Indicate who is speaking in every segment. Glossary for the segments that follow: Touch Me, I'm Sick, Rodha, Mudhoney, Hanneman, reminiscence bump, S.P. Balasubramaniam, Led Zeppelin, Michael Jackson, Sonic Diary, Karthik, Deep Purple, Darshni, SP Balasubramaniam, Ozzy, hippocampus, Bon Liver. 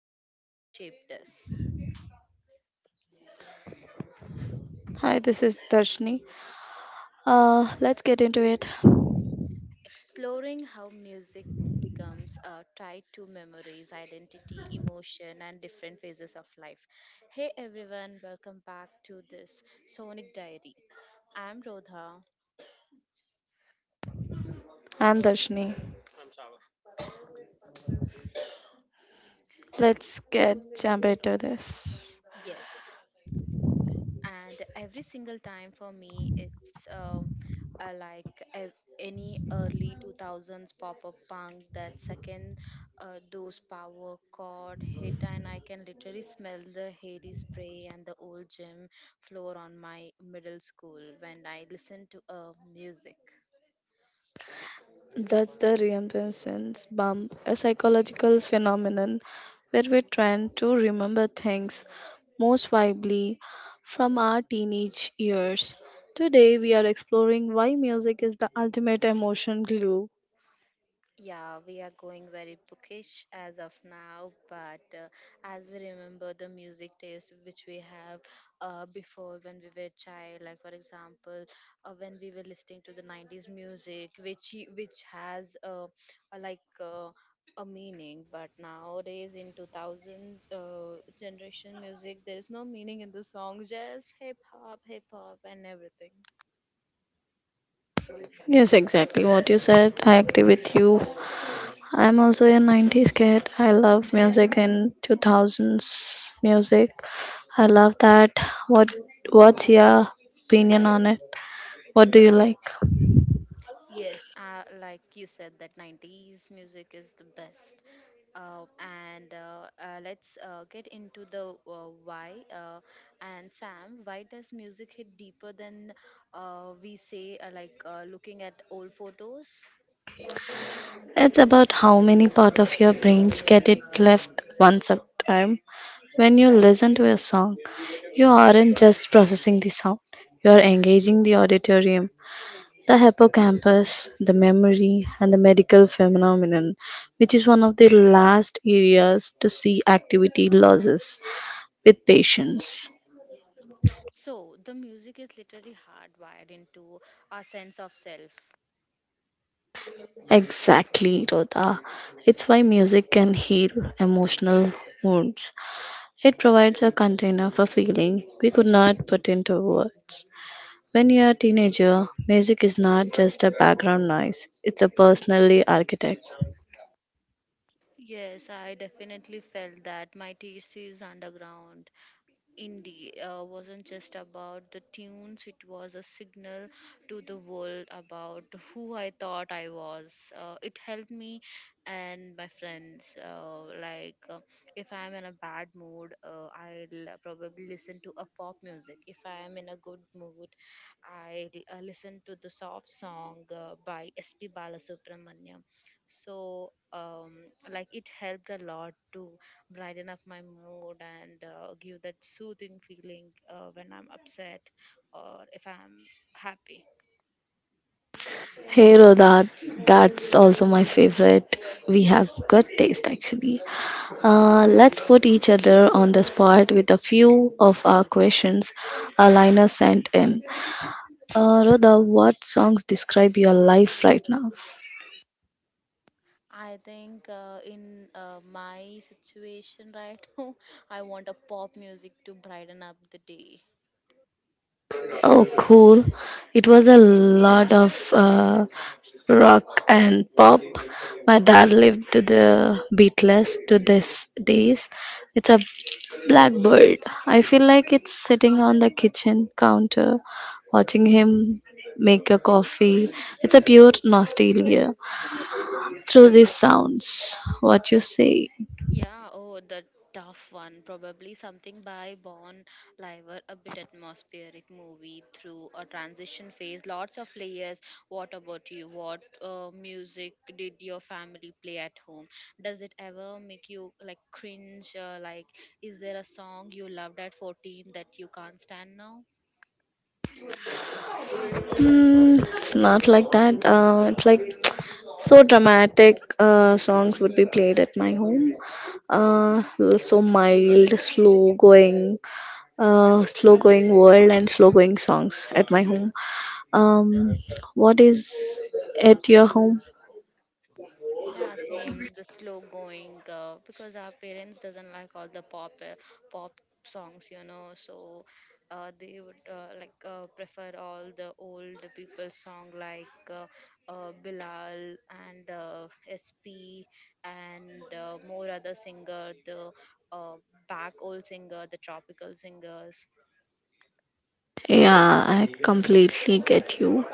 Speaker 1: music that shaped us,
Speaker 2: Hi, this is Darshni. Let's get into it.
Speaker 1: exploring how music becomes tied to memories, identity, emotion, and different phases of life. Hey everyone, welcome back to this Sonic Diary. I'm Rodha.
Speaker 2: I'm Darshni. Let's get jump into this.
Speaker 1: Yes, and every single time for me it's uh, like ev- any early 2000s pop-up punk. That second those power chord hit and I can literally smell the hairy spray and the old gym floor on my middle school when I listen to music.
Speaker 2: That's the reminiscence bump, a psychological phenomenon where we tend to remember things most vividly from our teenage years. Today, we are exploring why music is the ultimate emotion glue.
Speaker 1: Yeah, we are going very bookish as of now, but as we remember the music taste which we have before when we were child, like for example, when we were listening to the 90s music, which has a like uh, a meaning, but nowadays in 2000 generation music, there is no meaning in the song, just hip hop, and everything.
Speaker 2: Yes, exactly what you said. I agree with you. I'm also a 90s kid. I love music in 2000s music. I love that. What what's your opinion on it? What do you like?
Speaker 1: Yes, like you said, that 90s music is the best. Uh, and let's get into the why. And Sam, why does music hit deeper than, we say, like looking at old photos?
Speaker 2: It's about how many part of your brains get it left once at a time. When you listen to a song, you aren't just processing the sound. You are engaging the auditorium. The hippocampus, the memory, and the medical phenomenon, which is one of the last areas to see activity losses with patients.
Speaker 1: So, the music is literally hardwired into our sense of self.
Speaker 2: Exactly, Rhoda. It's why music can heal emotional wounds. It provides a container for feeling we could not put into words. When you're a teenager, music is not just a background noise, it's a personally architect.
Speaker 1: Yes, I definitely felt that my taste is underground. Indie wasn't just about the tunes, it was a signal to the world about who I thought I was. It helped me and my friends. If I'm in a bad mood, I'll probably listen to a pop music. If I'm in a good mood, I listen to the soft song by sp balasubramaniam. so um, like it helped a lot too brighten up my mood and give that soothing feeling when I'm upset or if I'm happy.
Speaker 2: Hey Roda, that's also my favorite. We have good taste actually. Let's put each other on the spot with a few of our questions Alina sent in. Rodha, what songs describe your life right now?
Speaker 1: I think in my situation right now, I want a pop music to brighten up the day.
Speaker 2: Oh, cool. It was a lot of rock and pop. My dad lived to the Beatles to this days. It's a blackbird. I feel like it's sitting on the kitchen counter watching him make a coffee. It's a pure nostalgia through these sounds. What you say?
Speaker 1: Yeah, oh, the tough one. Probably something by Bon Liver, a bit atmospheric movie through a transition phase, lots of layers. What about you? What music did your family play at home? Does it ever make you like cringe? Like, is there a song you loved at 14 that you can't stand now?
Speaker 2: It's not like that. It's like so dramatic songs would be played at my home. Uh, so mild, slow going world and slow going songs at my home. Um, what is at your home?
Speaker 1: Yeah, same. The slow going because our parents doesn't like all the pop pop songs, you know. So they would prefer all the old people song like Bilal and SP and more other singer, the uh, back old singer, the tropical singers.
Speaker 2: Yeah, I completely get you.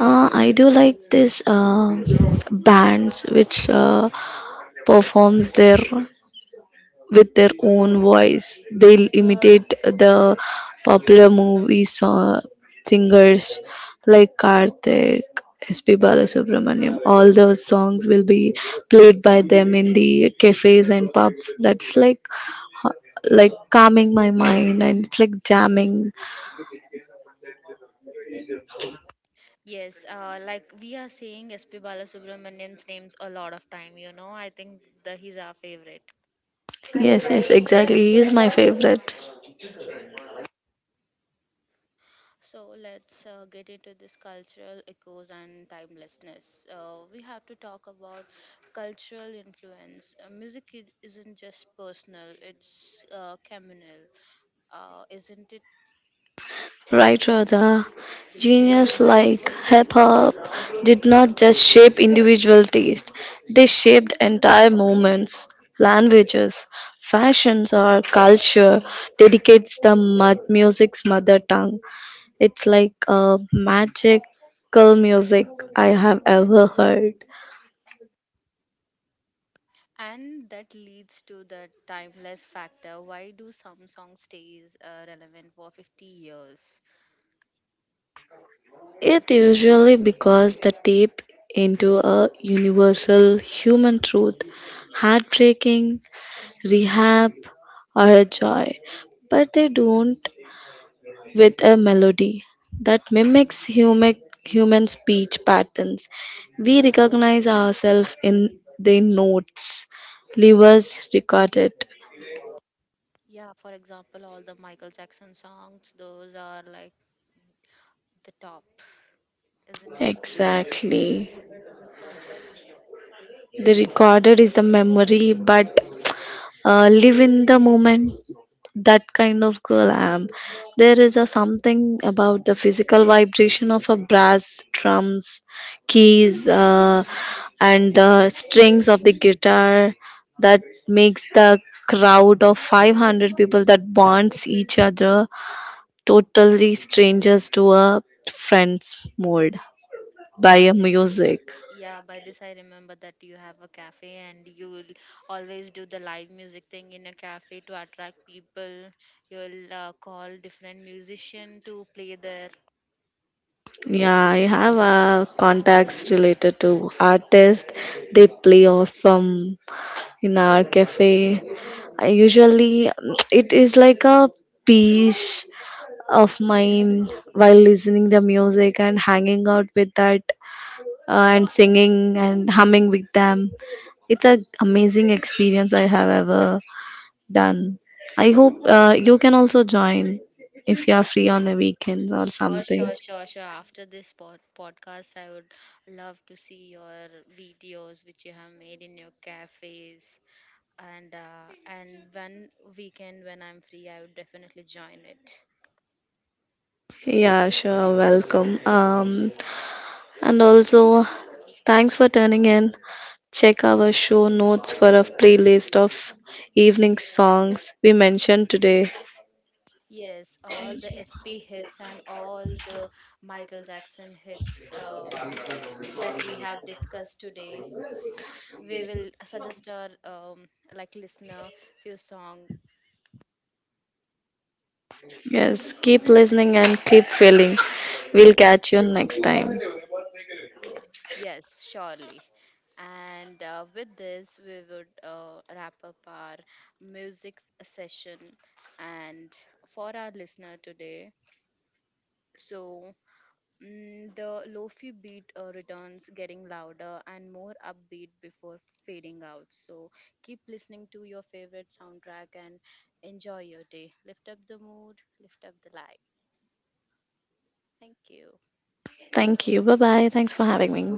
Speaker 2: I do like this bands which performs their with their own voice. They'll imitate the popular movie song, singers like Karthik, SP. Balasubramaniam. All those songs will be played by them in the cafes and pubs. That's uh, like calming my mind and it's like jamming.
Speaker 1: Yes, like we are saying SP Balasubramanian's names a lot of time, you know. I think the he's our favorite.
Speaker 2: Yes, yes, exactly. He is my favorite.
Speaker 1: So let's get into this cultural echoes and timelessness. We have to talk about cultural influence. Music isn't just personal, it's communal, isn't it?
Speaker 2: Right, Radha. Genius like hip hop did not just shape individual taste, they shaped entire movements, languages, fashions, or culture, dedicates the mud music's mother tongue. It's like a magical music I have ever heard.
Speaker 1: And that leads to the timeless factor. Why do some songs stays relevant for 50 years?
Speaker 2: It usually because the tape into a universal human truth, heartbreaking rehab, or a joy, but they don't with a melody that mimics human speech patterns. We recognize ourselves in the notes, levers recorded.
Speaker 1: Yeah, for example, all the Michael Jackson songs, those are like the top, isn't it?
Speaker 2: Exactly. The recorder is the memory, but live in the moment that kind of girl I am. There is a something about the physical vibration of a brass drums keys and the strings of the guitar that makes the crowd of 500 people that bonds each other totally strangers to a friends mode by a music.
Speaker 1: Yeah, by this I remember that you have a cafe and you will always do the live music thing in a cafe to attract people. You'll call different musician to play there.
Speaker 2: Yeah, I have contacts related to artists. They play off in our cafe. I usually, it is like a peace of mind while listening the music and hanging out with that and singing and humming with them. It's an amazing experience I have ever done. I hope you can also join if you are free on the weekends or
Speaker 1: Sure,
Speaker 2: something.
Speaker 1: sure, sure, sure. After this podcast, I would love to see your videos which you have made in your cafes. And and when weekend when I'm free, I would definitely join it.
Speaker 2: Yeah, sure. Welcome. And also, thanks for turning in. Check our show notes for a playlist of evening songs we mentioned today.
Speaker 1: Yes, all the SP hits and all the Michael Jackson hits. That we have discussed today. We will suggest our like listener few song.
Speaker 2: Yes, keep listening and keep feeling. We'll catch you next time.
Speaker 1: Yes, surely. And with this, we would wrap up our music session and for our listener today. So the lofi beat returns, getting louder and more upbeat before fading out. So keep listening to your favorite soundtrack and enjoy your day. Lift up the mood, lift up the light. Thank you.
Speaker 2: Thank you. Bye bye. Thanks for having me.